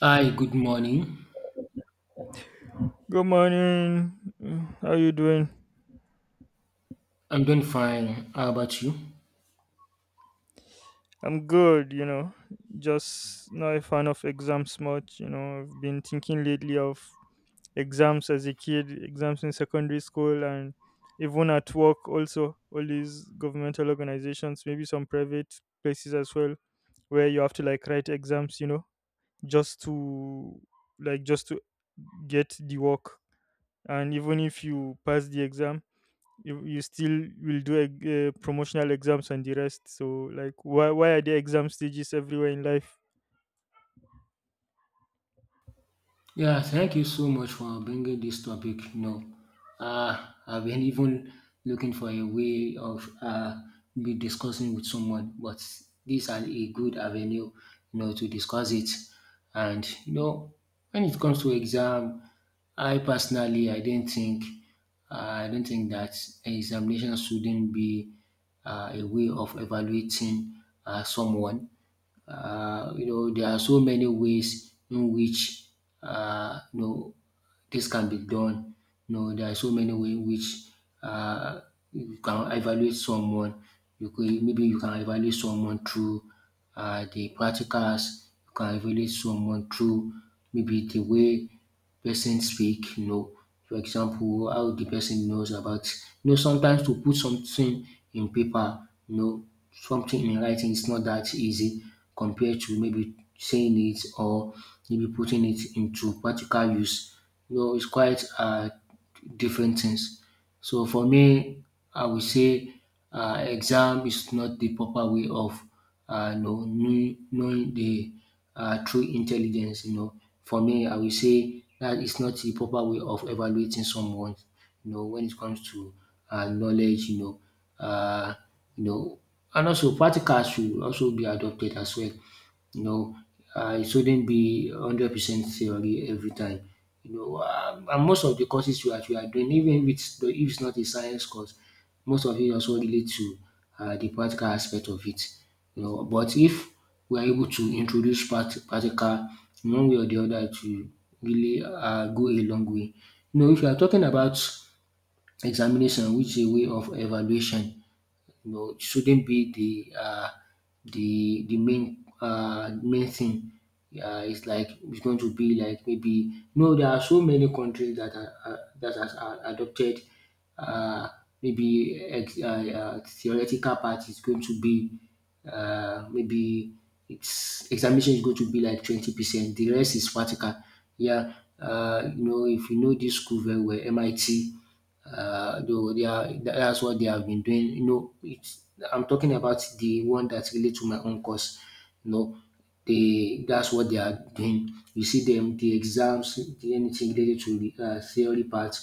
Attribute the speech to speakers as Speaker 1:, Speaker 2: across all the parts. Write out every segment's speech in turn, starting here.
Speaker 1: Hi, good morning.
Speaker 2: Good morning. How you doing?
Speaker 1: I'm doing fine. How about you?
Speaker 2: I'm good, you know. Just not a fan of exams much, you know. I've been thinking lately of exams as a kid, exams in secondary school, and even at work also, all these governmental organizations, maybe some private places as well, where you have to like write exams, you know, just to just to get the work. And even if you pass the exam, you still will do a, promotional exams and the rest. So like why are there exam stages everywhere in life?
Speaker 1: Yeah, thank you so much for bringing this topic. I've been even looking for a way of be discussing with someone, but these are a good avenue, to discuss it. And when it comes to exam, I personally, I don't think that examination shouldn't be a way of evaluating someone. There are so many ways in which uh, you know this can be done. There are so many ways in which uh, you can evaluate someone. You could maybe you can evaluate someone through the practicals. You can evaluate someone through, maybe, the way person speak. For example, how the person knows about, sometimes, to put something in paper, something in writing is not that easy compared to maybe saying it or maybe putting it into practical use. It's quite different things. So for me, I will say exam is not the proper way of knowing the true intelligence. For me, I will say that is not the proper way of evaluating someone when it comes to knowledge um you know and also practical should also be adopted as well you know it shouldn't be 100% theory every time. And most of the courses you are doing, even if it's not a science course, most of it also relate to the practical aspect of it. But if we are able to introduce practical in one way or the other, to really go a long way. If you are talking about examination, which is a way of evaluation, it shouldn't be the the main main thing. It's like it's going to be like, maybe, no. There are so many countries that are that has adopted, uh, maybe theoretical part is going to be, maybe it's examination is going to be like 20%. The rest is practical. Yeah, if you know this school very well, MIT, though that's what they have been doing. I'm talking about the one that relate to my own course. You know, they That's what they are doing. You see them the exams, the anything related to the theory part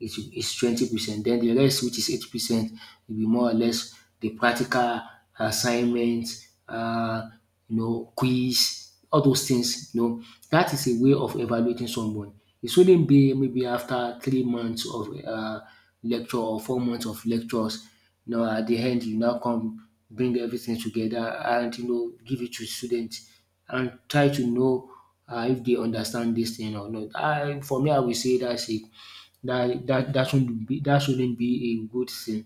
Speaker 1: is 20%. Then the rest, which is 80%, will be more or less the practical assignments. Quiz, all those things, dat is a way of evaluating someone. E shouldn't be maybe after 3 months of lecture, or 4 months of lectures. At de end, you now come bring everything together, and give it to student, and try to know if dey understand dis thing or not. For me, I will say dat dat dat shouldn't be a good thing.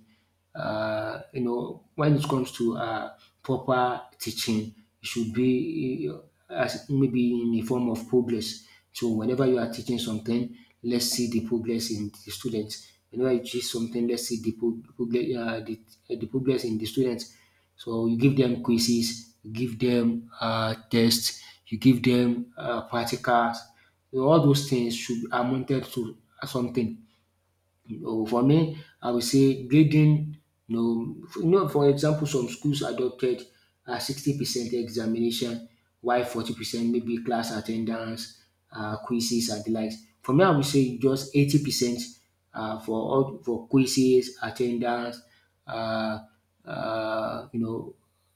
Speaker 1: When it comes to proper teaching, it should be, as, maybe, in the form of progress. So whenever you are teaching something, let's see the progress in the students. Whenever you teach something, let's see the progress, the progress in the students. So you give them quizzes, you give them tests, you give them practicals. All those things should be amounted to something. For me, I would say grading. For example, some schools adopted 60% examination, while 40% maybe class attendance, ten quizzes and the likes. For me, I would say just 80% for all, for quizzes, attendance, ten dance, um you know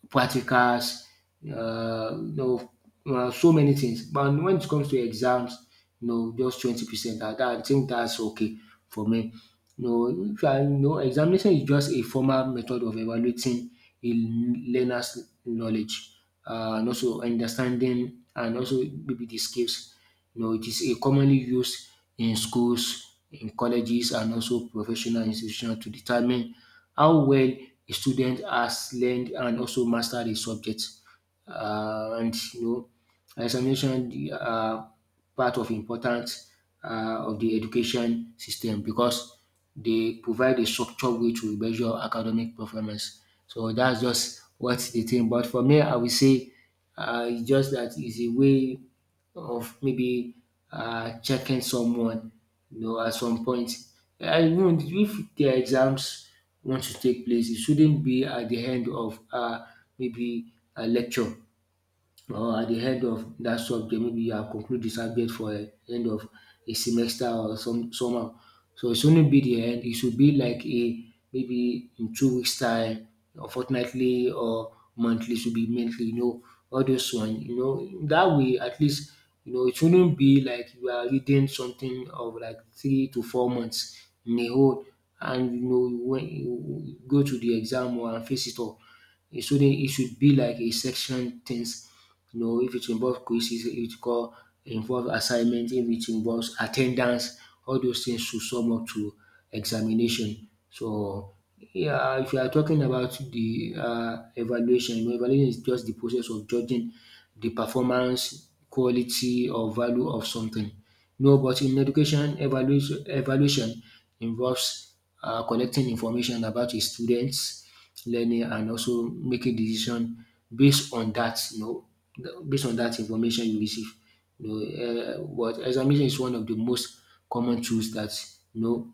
Speaker 1: practicals, uh, you know, so many things. But when it comes to exams, just 20%. I think that's okay for me. You know, if you are- you know, Examination is just a formal method of evaluating a learner's knowledge, and also understanding, and also maybe the skills. It is a commonly used in schools, in colleges and also professional institutions to determine how well a student has learned and also mastered a subject. And examination, part of importance of the education system, because they provide a structured way to measure academic performance. So that's just what they think. But for me, I will say, it's just that it's a way of, maybe, checking someone, at some point. I Even if their exams want to take place, it shouldn't be at the end of, maybe, a lecture, or at the end of that subject, maybe you have conclude the subject for a end of a semester or somehow. So it shouldn't be the end. It should be like a maybe in 2 weeks time, or fortnightly or monthly. Should be monthly. All those one. That way, at least, it shouldn't be like you are reading something of like 3 to 4 months in a whole, and when you go to the exam or and face it all. It shouldn't. It should be like a section things. If it involves quizzes, it call involve assignment, if it involves attendance, all those things should sum up to examination. So, yeah, if you are talking about the evaluation, evaluation is just the process of judging the performance, quality, or value of something. No, but in education, evaluation, involves collecting information about a students learning and also making decision based on that, based on that information you receive. You know, what Examination is one of the most common tools that you know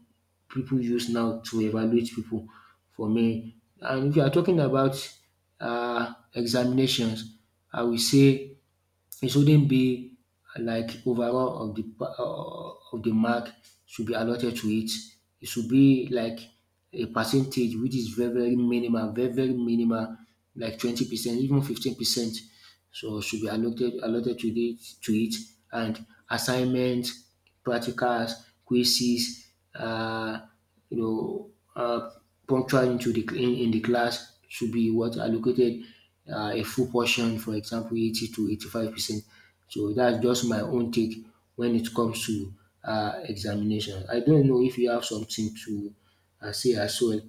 Speaker 1: people use now to evaluate people. For me, and if you are talking about examinations, I will say it shouldn't be like overall of the of the mark should be allotted to it. It should be like a percentage which is very, very minimal, very, very minimal, like 20%, even 15%. So should be allotted to it, and assignment, practicals, quizzes, you know, uh, punctual into the in the class should be what allocated, a full portion, for example, 80 to 85 percent. So that's just my own take when it comes to examination. I don't know if you have something to say as well.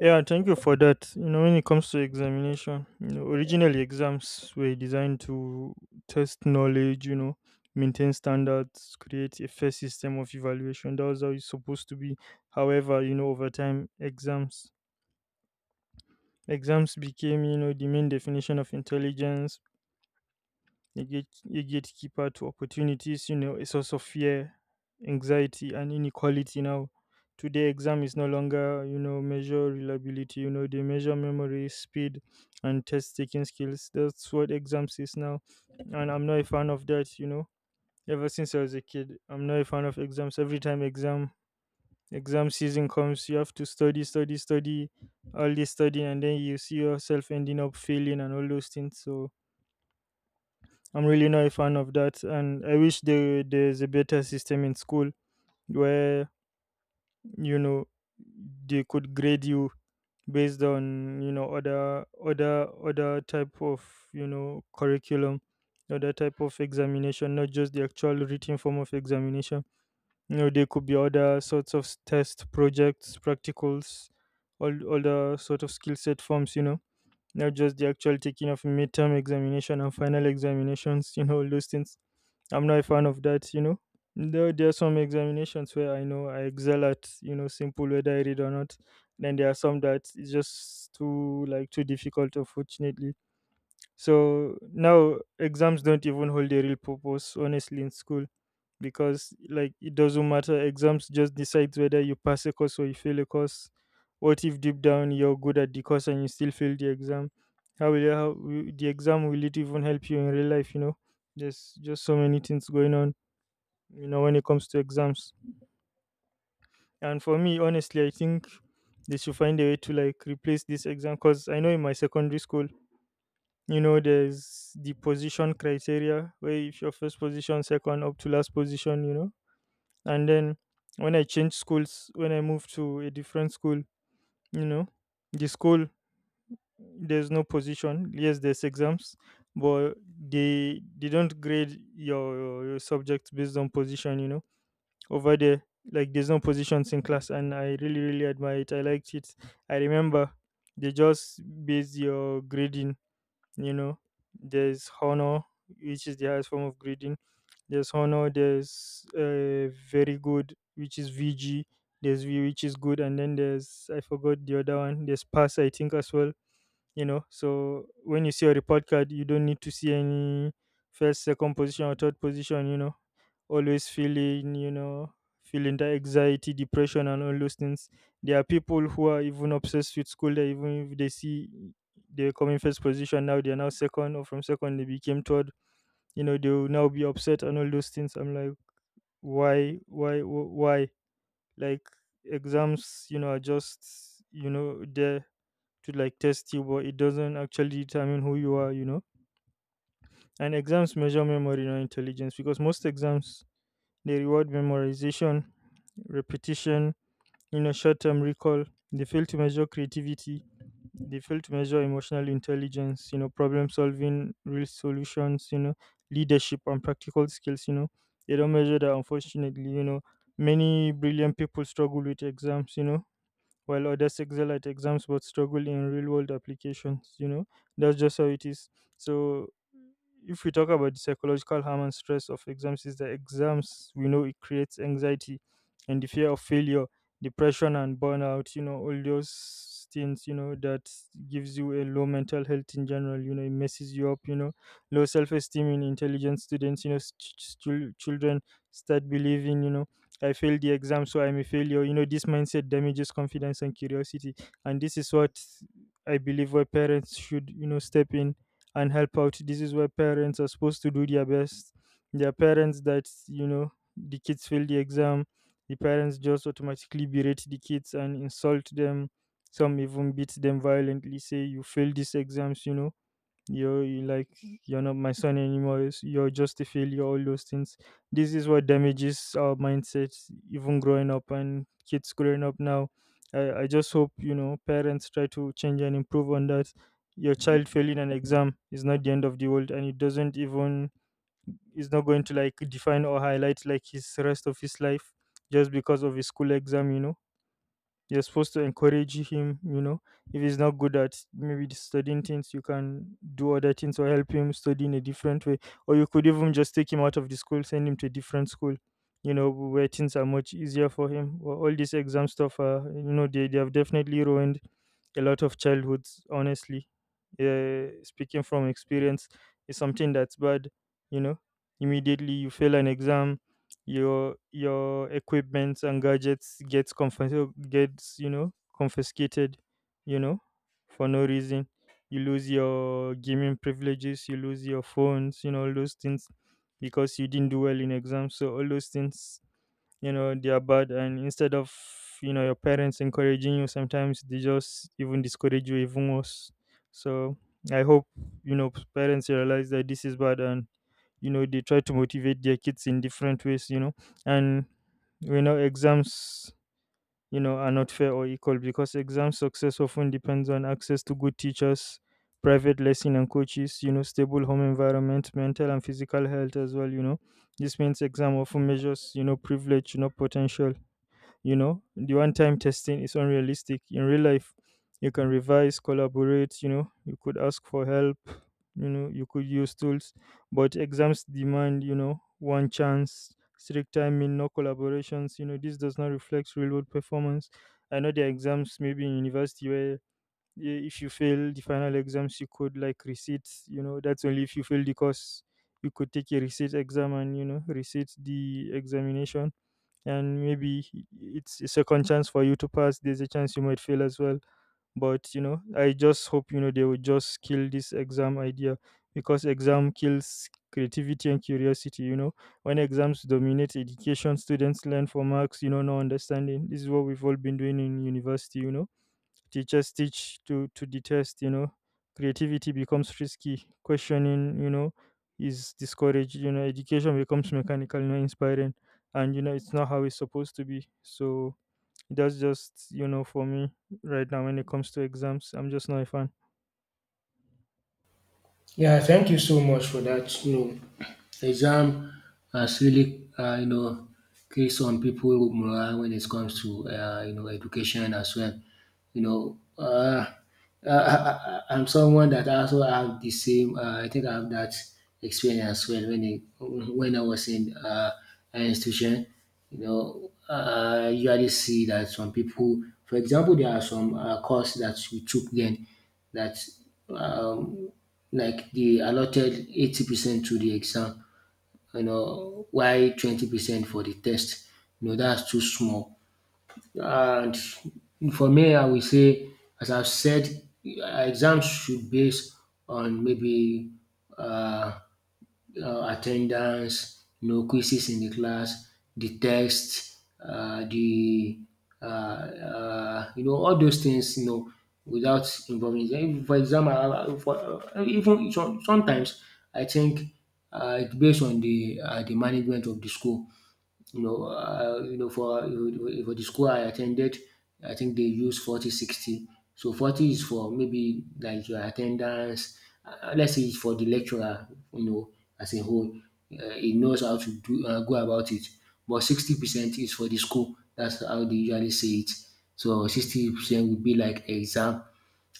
Speaker 2: Yeah, thank you for that. You know, when it comes to examination, you know, originally exams were designed to test knowledge, you know, maintain standards, create a fair system of evaluation. That was how it's supposed to be. However, you know, over time, exams became, you know, the main definition of intelligence, a, gate, a gatekeeper to opportunities, you know, a source of fear, anxiety, and inequality. Now, today, exam is no longer, you know, measure reliability. You know, they measure memory, speed, and test taking skills. That's what exams is now, and I'm not a fan of that. You know, ever since I was a kid, I'm not a fan of exams. Every time exam season comes, you have to study, study, study, all this studying, and then you see yourself ending up failing and all those things. So I'm really not a fan of that, and I wish there's a better system in school where, you know, they could grade you based on, you know, other type of, you know, curriculum, other type of examination, not just the actual written form of examination. You know, there could be other sorts of test, projects, practicals, all other sort of skill set forms. You know, not just the actual taking of midterm examination and final examinations. You know, all those things I'm not a fan of that, you know. There are some examinations where I know I excel at, you know, simple whether I read or not. Then there are some that is just too difficult, unfortunately. So now exams don't even hold a real purpose, honestly, in school because like it doesn't matter. Exams just decides whether you pass a course or you fail a course. What if deep down you're good at the course and you still fail the exam? How will the exam will it even help you in real life? You know, there's just so many things going on, you know, when it comes to exams. And for me, honestly, I think they should find a way to like replace this exam, because I know in my secondary school, you know, there's the position criteria where if your first position, second up to last position, you know. And then when I changed schools, when I moved to a different school, you know, the school there's no position. Yes, there's exams, but they don't grade your subjects based on position, you know, over there. Like there's no positions in class, and I really, really admire it. I liked it. I remember they just base your grading. You know, there's honor, which is the highest form of grading. There's honor. There's very good, which is VG. There's V, which is good, and then there's I forgot the other one. There's pass, I think, as well. You know, so when you see a report card, you don't need to see any first, second position, or third position. You know, always feeling, you know, feeling the anxiety, depression, and all those things. There are people who are even obsessed with school that even if they see they're coming first position, now they're now second, or from second they became third, you know, they will now be upset and all those things. I'm like, why like, exams, you know, are just, you know, there to like test you, but it doesn't actually determine who you are, you know. And exams measure memory, not intelligence, because most exams they reward memorization, repetition, you know, short-term recall. They fail to measure creativity. They fail to measure emotional intelligence, you know, problem solving, real solutions, you know, leadership and practical skills, you know. They don't measure that, unfortunately, you know. Many brilliant people struggle with exams, you know, while others excel at exams but struggle in real world applications. You know, that's just how it is. So if we talk about the psychological harm and stress of exams, is that exams, we know, it creates anxiety and the fear of failure, depression, and burnout. You know, all those things, you know, that gives you a low mental health in general. You know, it messes you up, you know, low self-esteem in intelligent students. You know, children start believing, you know, I failed the exam, so I'm a failure. You know, this mindset damages confidence and curiosity. And this is what I believe where parents should, you know, step in and help out. This is where parents are supposed to do their best. Their parents that, you know, the kids fail the exam, the parents just automatically berate the kids and insult them. Some even beat them violently, say, you failed these exams, you know, you're you like you're not my son anymore, it's- you're just a failure, all those things. This is what damages our mindsets even growing up and kids growing up now. I just hope, you know, parents try to change and improve on that. Your child failing an exam is not the end of the world, and it doesn't even is not going to like define or highlight like his rest of his life just because of his school exam. You know, you're supposed to encourage him, you know. If he's not good at maybe the studying things, you can do other things or help him study in a different way. Or you could even just take him out of the school, send him to a different school, you know, where things are much easier for him. Well, all this exam stuff, you know, they have definitely ruined a lot of childhoods, honestly. Speaking from experience, is something that's bad, you know. Immediately you fail an exam, your equipment and gadgets gets, you know, confiscated, you know, for no reason. You lose your gaming privileges, you lose your phones, you know, all those things, because you didn't do well in exams. So all those things, you know, they are bad, and instead of, you know, your parents encouraging you, sometimes they just even discourage you even worse. So I hope, you know, parents realize that this is bad, and, you know, they try to motivate their kids in different ways, you know. And we know exams, you know, are not fair or equal, because exam success often depends on access to good teachers, private lesson and coaches, you know, stable home environment, mental and physical health as well. You know, this means exam often measures, you know, privilege, not potential. You know, the one time testing is unrealistic. In real life, you can revise, collaborate, you know, you could ask for help, you know, you could use tools, but exams demand, you know, one chance, strict timing, no collaborations. You know, this does not reflect real world performance. I know there are exams maybe in university where if you fail the final exams, you could like receipts, you know, that's only if you fail the course. You could take a receipt exam and, you know, receipt the examination, and maybe it's a second chance for you to pass. There's a chance you might fail as well. But you know, I just hope, you know, they would just kill this exam idea, because exam kills creativity and curiosity. You know, when exams dominate education, students learn for marks. You know, no understanding. This is what we've all been doing in university. You know, teachers teach to detest, you know. Creativity becomes risky. Questioning, you know, is discouraged. You know, education becomes mechanical, not inspiring. And, you know, it's not how it's supposed to be. So that's just, you know, for me right now when it comes to exams. I'm just not a fan.
Speaker 1: Yeah, thank you so much for that. Exam has really, create some people morale when it comes to, education as well. You know, uh, I'm someone that also have the same. I think I have that experience as well when when I was in an institution. You already see that some people, for example, there are some course that we took then that. Um, like they allotted 80% to the exam, why 20% for the test. That's too small. And for me, I will say, as I've said, uh, exams should base on maybe uh, attendance, quizzes in the class, the text, the you know all those things, without involving. If, for example, even sometimes I think it's based on the management of the school. For the school I attended, I think they use 40-60. So 40 is for maybe like your attendance. Let's say it's for the lecturer, you know, as a whole, he knows how to do go about it. But 60 percent is for the school. That's how they usually say it. So 60 percent would be like exam.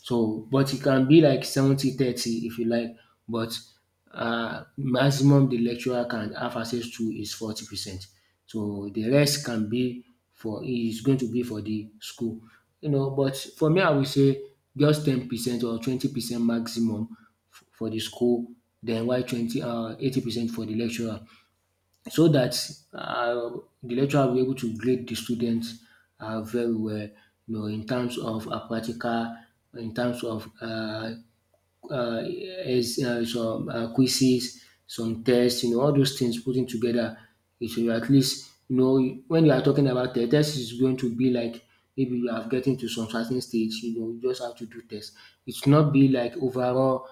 Speaker 1: So but e can be like 70-30 if you like, but maximum de lecturer can have access to is 40%. So de rest can be for is going to be for de school, but for me, I will say just 10% or 20% maximum for de school, den while twenty 80% for de lecturer. So that uh, the lecturer will be able to grade the students very well, in terms of practical, in terms of uh, is some quizzes, some tests, all those things putting together. It will at least, when you are talking about the test, is going to be like maybe you have getting to some certain stage, you just have to do tests. It should not be like overall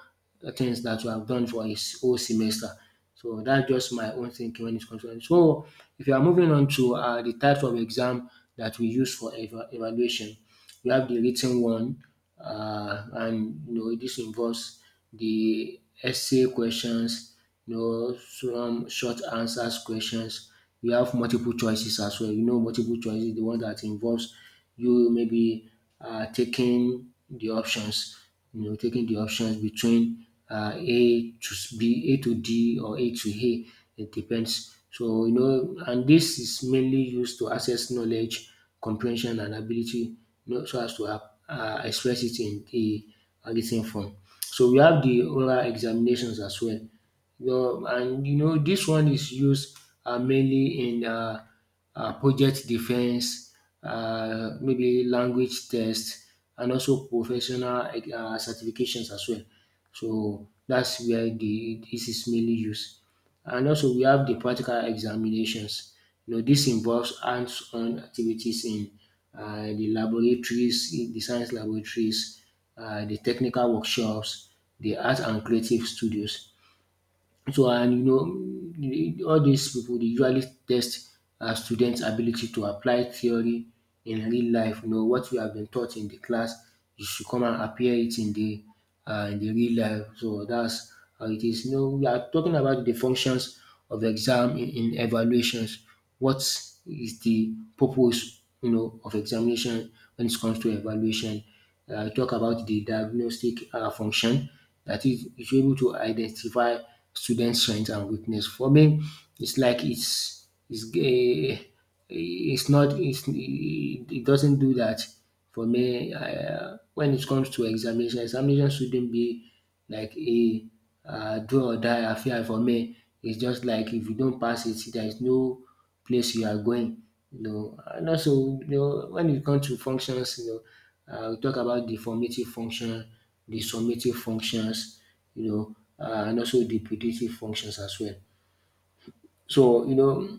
Speaker 1: things that you have done for whole semester. So that's just my own thinking when it's concerned. So if you are moving on to the types of exam that we use for evaluation, we have the written one, and you know this involves the essay questions, you know some short answers questions. We have multiple choices as well. You know, multiple choices the one that involves you maybe taking the options. You know, taking the options between A to B, A to D, or A to A. It depends. So you know, and this is mainly used to access knowledge, comprehension and ability, you know, so as to express it in the written form. So we have the oral examinations as well. Well, and you know, this one is used mainly in project defense, maybe language test, and also professional certifications as well. So that's where the this is mainly used. And also we have the practical examinations. You know dis involves hands-on activities in the laboratories, in the science laboratories, the technical workshops, the art and creative studios. So and you know all these people they usually test students ability to apply theory in real life. You know what you have been taught in the class you should come and appear it in the in the real life. So that's how it is. You know we are talking about the functions of exam in evaluations. What is the purpose, you know, of examination when it comes to evaluation? Talk about the diagnostic function that is able to identify student strengths and weakness. For me, it's like it's not it's, it doesn't do that for me. When it comes to examination, examination shouldn't be like a do or die affair for me. It's just like if you don't pass it, there is no place you are going, you know. And also, you know, when it comes to functions, you know, we talk about the formative function, the summative functions, you know, and also the predictive functions as well. So, you know,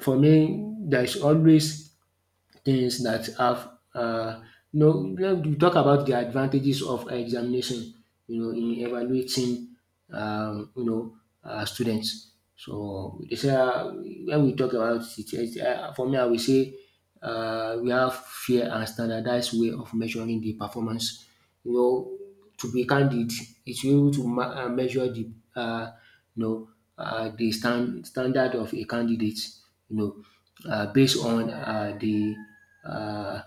Speaker 1: for me, there is always things that have you know when we talk about the advantages of examination, you know, in evaluating, um you know students. So they say, um, when we talk about it for me I will say, um, we have fair and standardized way of measuring the performance, you know, to be candid, it's able to measure the, uh, you know, the standard of a candidate, you know, based on the uh,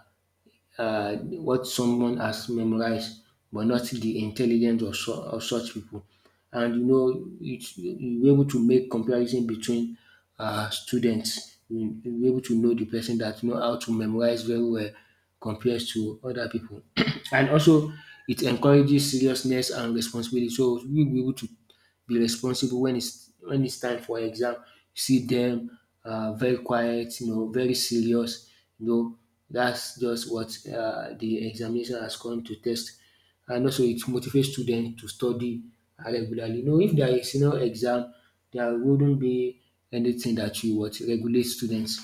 Speaker 1: uh, what someone has memorized but not the intelligence of, of such people. And you know, you're able to make comparison between students. You're able to know the person that know how to memorize very well compared to other people. And also, it encourages seriousness and responsibility. So, we'll be able to be responsible when it's time for exam. You see them, um, very quiet, you know, very serious, you know, that's just what the examination has come to test. And also it motivates students to study regularly. You know, if there is no exam, there wouldn't be anything that will what regulate students.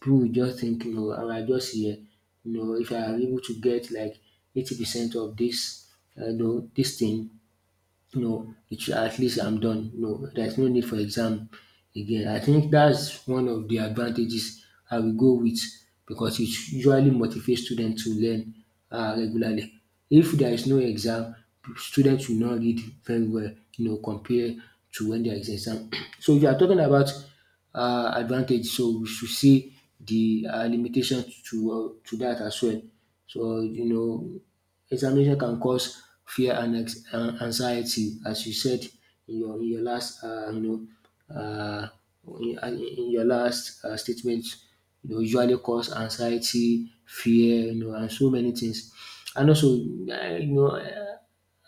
Speaker 1: People will just think, you know, "I am I just here, you know, if I am able to get like 80% of this, you know this thing, no, it's at least I'm done. No, there's no need for exam again. I think that's one of the advantages I will go with because it usually motivates students to learn regularly. If there is no exam, students will not read very well, you know, compared to when there is exam. So if you are talking about advantage, so we should see the limitations to that as well. So you know. Examination can cause fear and and anxiety as you said in your last uh, your last statement. You know, usually cause anxiety, fear, you know, and so many things. And also, you know. Uh,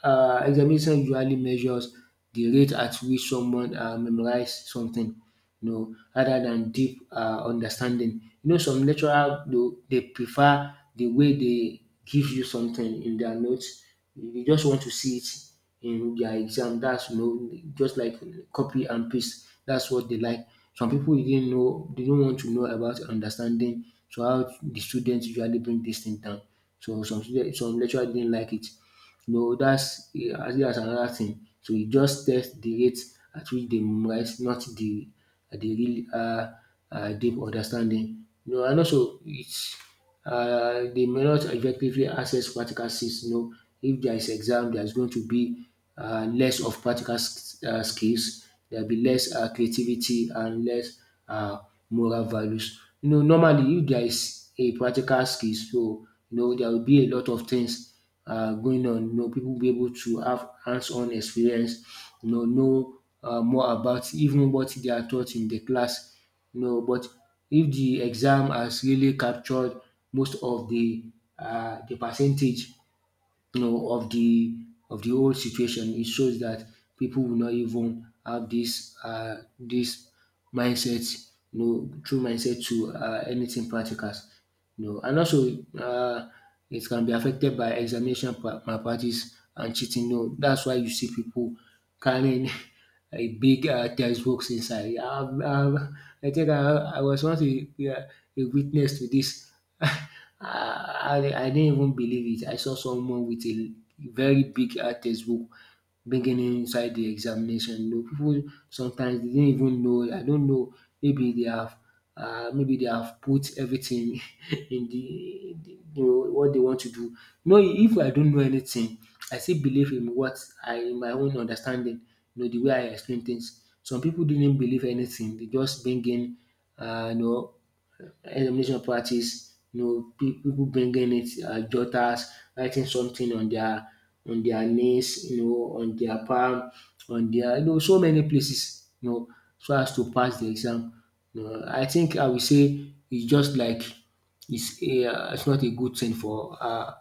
Speaker 1: um Examination usually measures the rate at which someone, um, memorize something, you know, rather than deep, um, understanding. You know some lecturer do they prefer the way they give you something in their notes? You just want to see it in their exam. That's, you know, just like copy and paste. That's what they like. Some people didn't know they don't want to know about understanding so how the students usually bring this thing down. So some lecturer didn't like it. No, that's another thing. So you just test the rate at which they memorize, not the the real deep understanding. No, and also it's, um, they may not effectively access practical skills. You know if there is exam, there is going to be less of practical skills. There'll be less creativity and less uh, moral values. You know, normally if there is a practical skills, so you know there will be a lot of things going on. You know, people will be able to have hands-on experience. Know more about even what they are taught in the class. You know, but if the exam has really captured most of the, the percentage, you know, of the whole situation. It shows that people will not even have this this mindset, you know, true mindset to anything practical. You know, and also it can be affected by examination malpractice and cheating. You know, that's why you see people carrying a big, um, textbooks inside. I think I was once a witness to this. I didn't even believe it. I saw someone with a very big, um, textbook beginning inside the examination. You know, pipu sometimes they didn't even know, I don't know, maybe they have, maybe they have put everything in the you know what they want to do. You know if I don't know anything, I still believe in what I in my own understanding, you know the way I explain things. Some people didn't believe anything, they just bring in, you know, elimination practice. You know, people bringing it, jotters, writing something on their knees, you know, on their palm, on their, you know, so many places, you know, so as to pass the exam. You know, I think I will say it's just like it's it's not a good thing for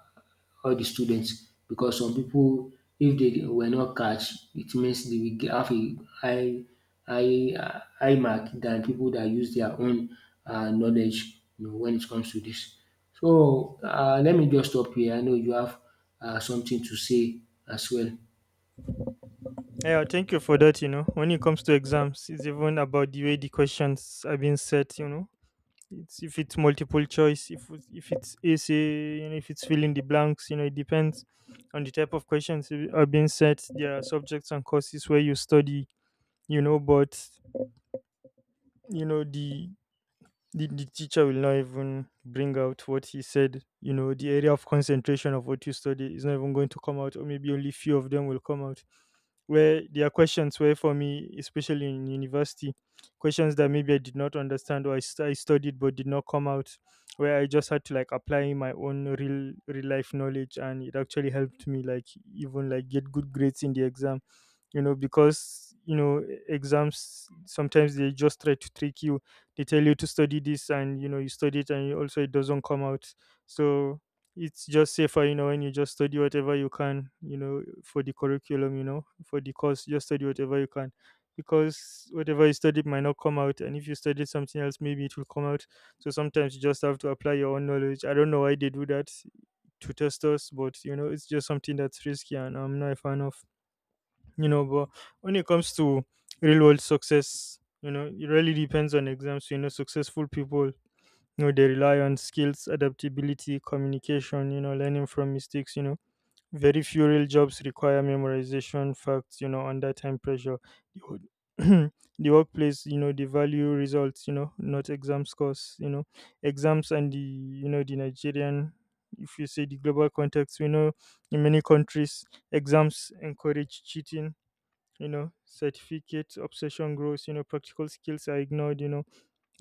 Speaker 1: all the students because some people, if they were not catch it means they will have a high mark than people that use their own, um, knowledge, you know, when it comes to this. So, um, let me just stop here, I know you have, um, something to say as well.
Speaker 2: Yeah, thank you for that. You know, when it comes to exams, it's even about the way the questions are being set, you know. It's if it's multiple choice, if it's essay, you know, if it's fill in the blanks, you know, it depends on the type of questions are being set. There are subjects and courses where you study, you know, but you know the teacher will not even bring out what he said, you know. The area of concentration of what you study is not even going to come out, or maybe only few of them will come out. Where there are questions, where for me, especially in university, questions that maybe I did not understand, or I studied but did not come out, where I just had to like apply my own real real life knowledge, and it actually helped me like even like get good grades in the exam, you know. Because you know exams sometimes they just try to trick you. They tell you to study this, and you know you study it, and you also it doesn't come out. So it's just safer, you know, when you just study whatever you can, you know, for the curriculum, you know, for the course. Just study whatever you can, because whatever you studied might not come out, and if you studied something else, maybe it will come out. So sometimes you just have to apply your own knowledge. I don't know why they do that, to test us, but you know it's just something that's risky, and I'm not a fan of, you know. But when it comes to real world success, you know, it really depends on exams. You know, successful people, you know, they rely on skills, adaptability, communication, you know, learning from mistakes, you know. Very few real jobs require memorization facts, you know, under time pressure. the wo- the workplace, you know, they value results, you know, not exam scores, you know. Exams and the, you know, the Nigerian, if you say the global context, we know in many countries exams encourage cheating, you know, certificate obsession grows, you know, practical skills are ignored, you know.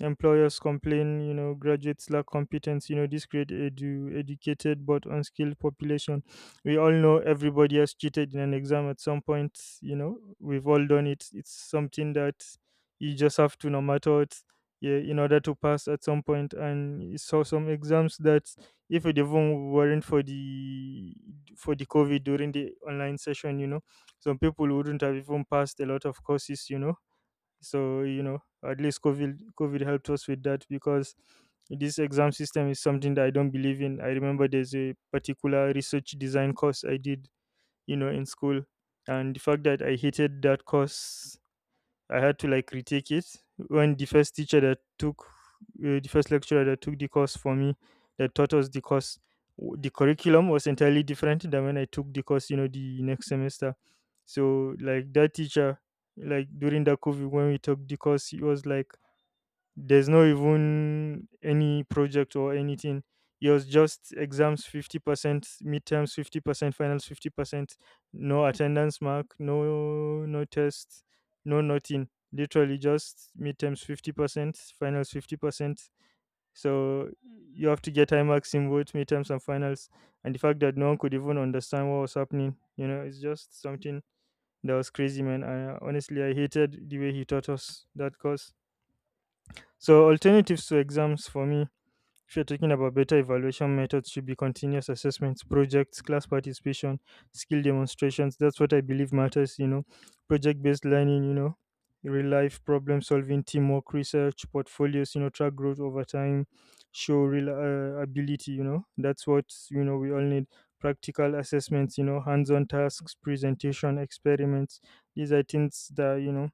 Speaker 2: Employers complain, you know, graduates lack competence. You know, this create educated but unskilled population. We all know everybody has cheated in an exam at some point. You know, we've all done it. It's something that you just have to, no matter what, yeah, in order to pass at some point. And saw some exams that, if it even weren't for the COVID during the online session, you know, some people wouldn't have even passed a lot of courses. You know, so you know, at least COVID helped us with that, because this exam system is something that I don't believe in. I remember there's a particular research design course I did, you know, in school, and the fact that I hated that course, I had to like retake it. When the first teacher that took the first lecturer that took the course for me, that taught us the course, the curriculum was entirely different than when I took the course, you know, the next semester. So like that teacher, like during the COVID when we took the course, he was like, there's no even any project or anything. It was just exams 50%, midterms 50%, finals 50%, no attendance mark, no test, no nothing. Literally just midterms 50%, finals 50%. So you have to get high marks in both midterms and finals. And the fact that no one could even understand what was happening, you know, it's just something that was crazy, man. I honestly I hated the way he taught us that course. So, alternatives to exams for me, if you're talking about better evaluation methods, should be continuous assessments, projects, class participation, skill demonstrations. That's what I believe matters, you know. Project based learning, you know, real life problem solving, teamwork, research, portfolios, you know, track growth over time, show real ability, you know. That's what, you know, we all need. Practical assessments, you know, hands on tasks, presentation, experiments. These are things that, you know,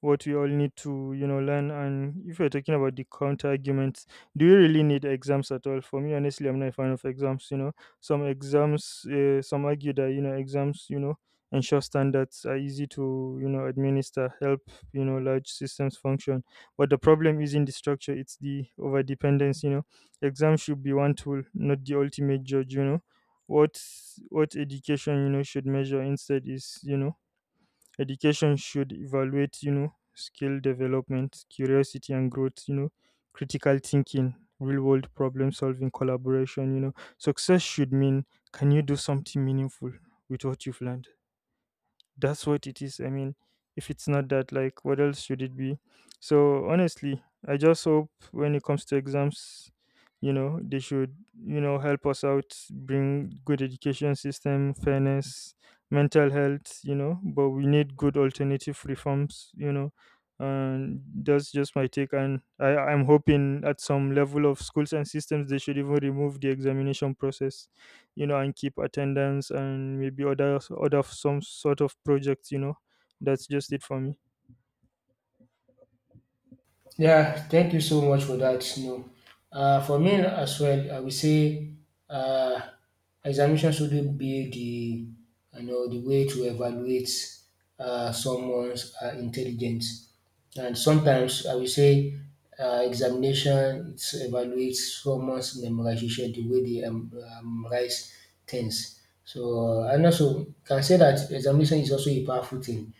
Speaker 2: what we all need to, you know, learn. And if you're talking about the counter arguments, do you really need exams at all? For me honestly I'm not a fan of exams, you know. Some exams, some argue that, you know, exams, you know, ensure standards, are easy to, you know, administer, help, you know, large systems function. But the problem isn't the structure, it's the over dependence, you know. Exams should be one tool, not the ultimate judge, you know. what what education, you know, should measure instead is, you know, education should evaluate, you know, skill development, curiosity and growth, you know, critical thinking, real world problem solving, collaboration, you know. Success should mean, can you do something meaningful with what you've learned? That's what it is. I mean, if it's not that, like, what else should it be? So honestly, I just hope when it comes to exams, you know, they should, you know, help us out, bring good education system, fairness, mental health, you know. But we need good alternative reforms, you know. And that's just my take. And I'm hoping at some level of schools and systems they should even remove the examination process, you know, and keep attendance and maybe other some sort of projects, you know. That's just it for me.
Speaker 1: Yeah, thank you so much for that. You know, for me as well, I would say uh, examination shouldn't be the you know the way to evaluate someone's intelligence. And sometimes I would say examination it evaluates someone's memorization, the way they memorize things. So and also can say that examination is also a powerful thing,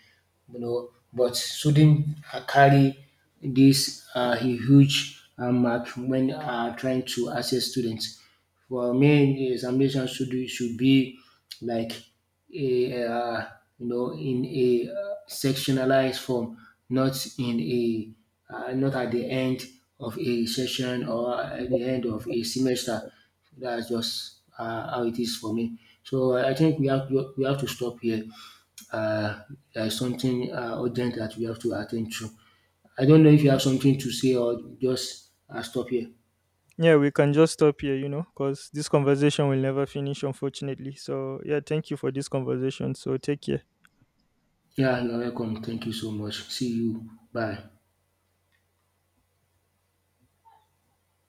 Speaker 1: you know, but shouldn't carry this a huge mark when trying to assess students. For me, the examination should be like a you know in a, sectionalized form, not in a, not at the end of a session or at the end of a semester. That's just how it is for me. So I think we have to stop here, uh, there is something urgent that we have to attend to. I don't know if you have something to say or just stop here.
Speaker 2: Yeah, we can just stop here, you know, because this conversation will never finish, unfortunately, so yeah, thank you for this conversation, so take care.
Speaker 1: Yeah, you're welcome. Thank you so much. See you. Bye.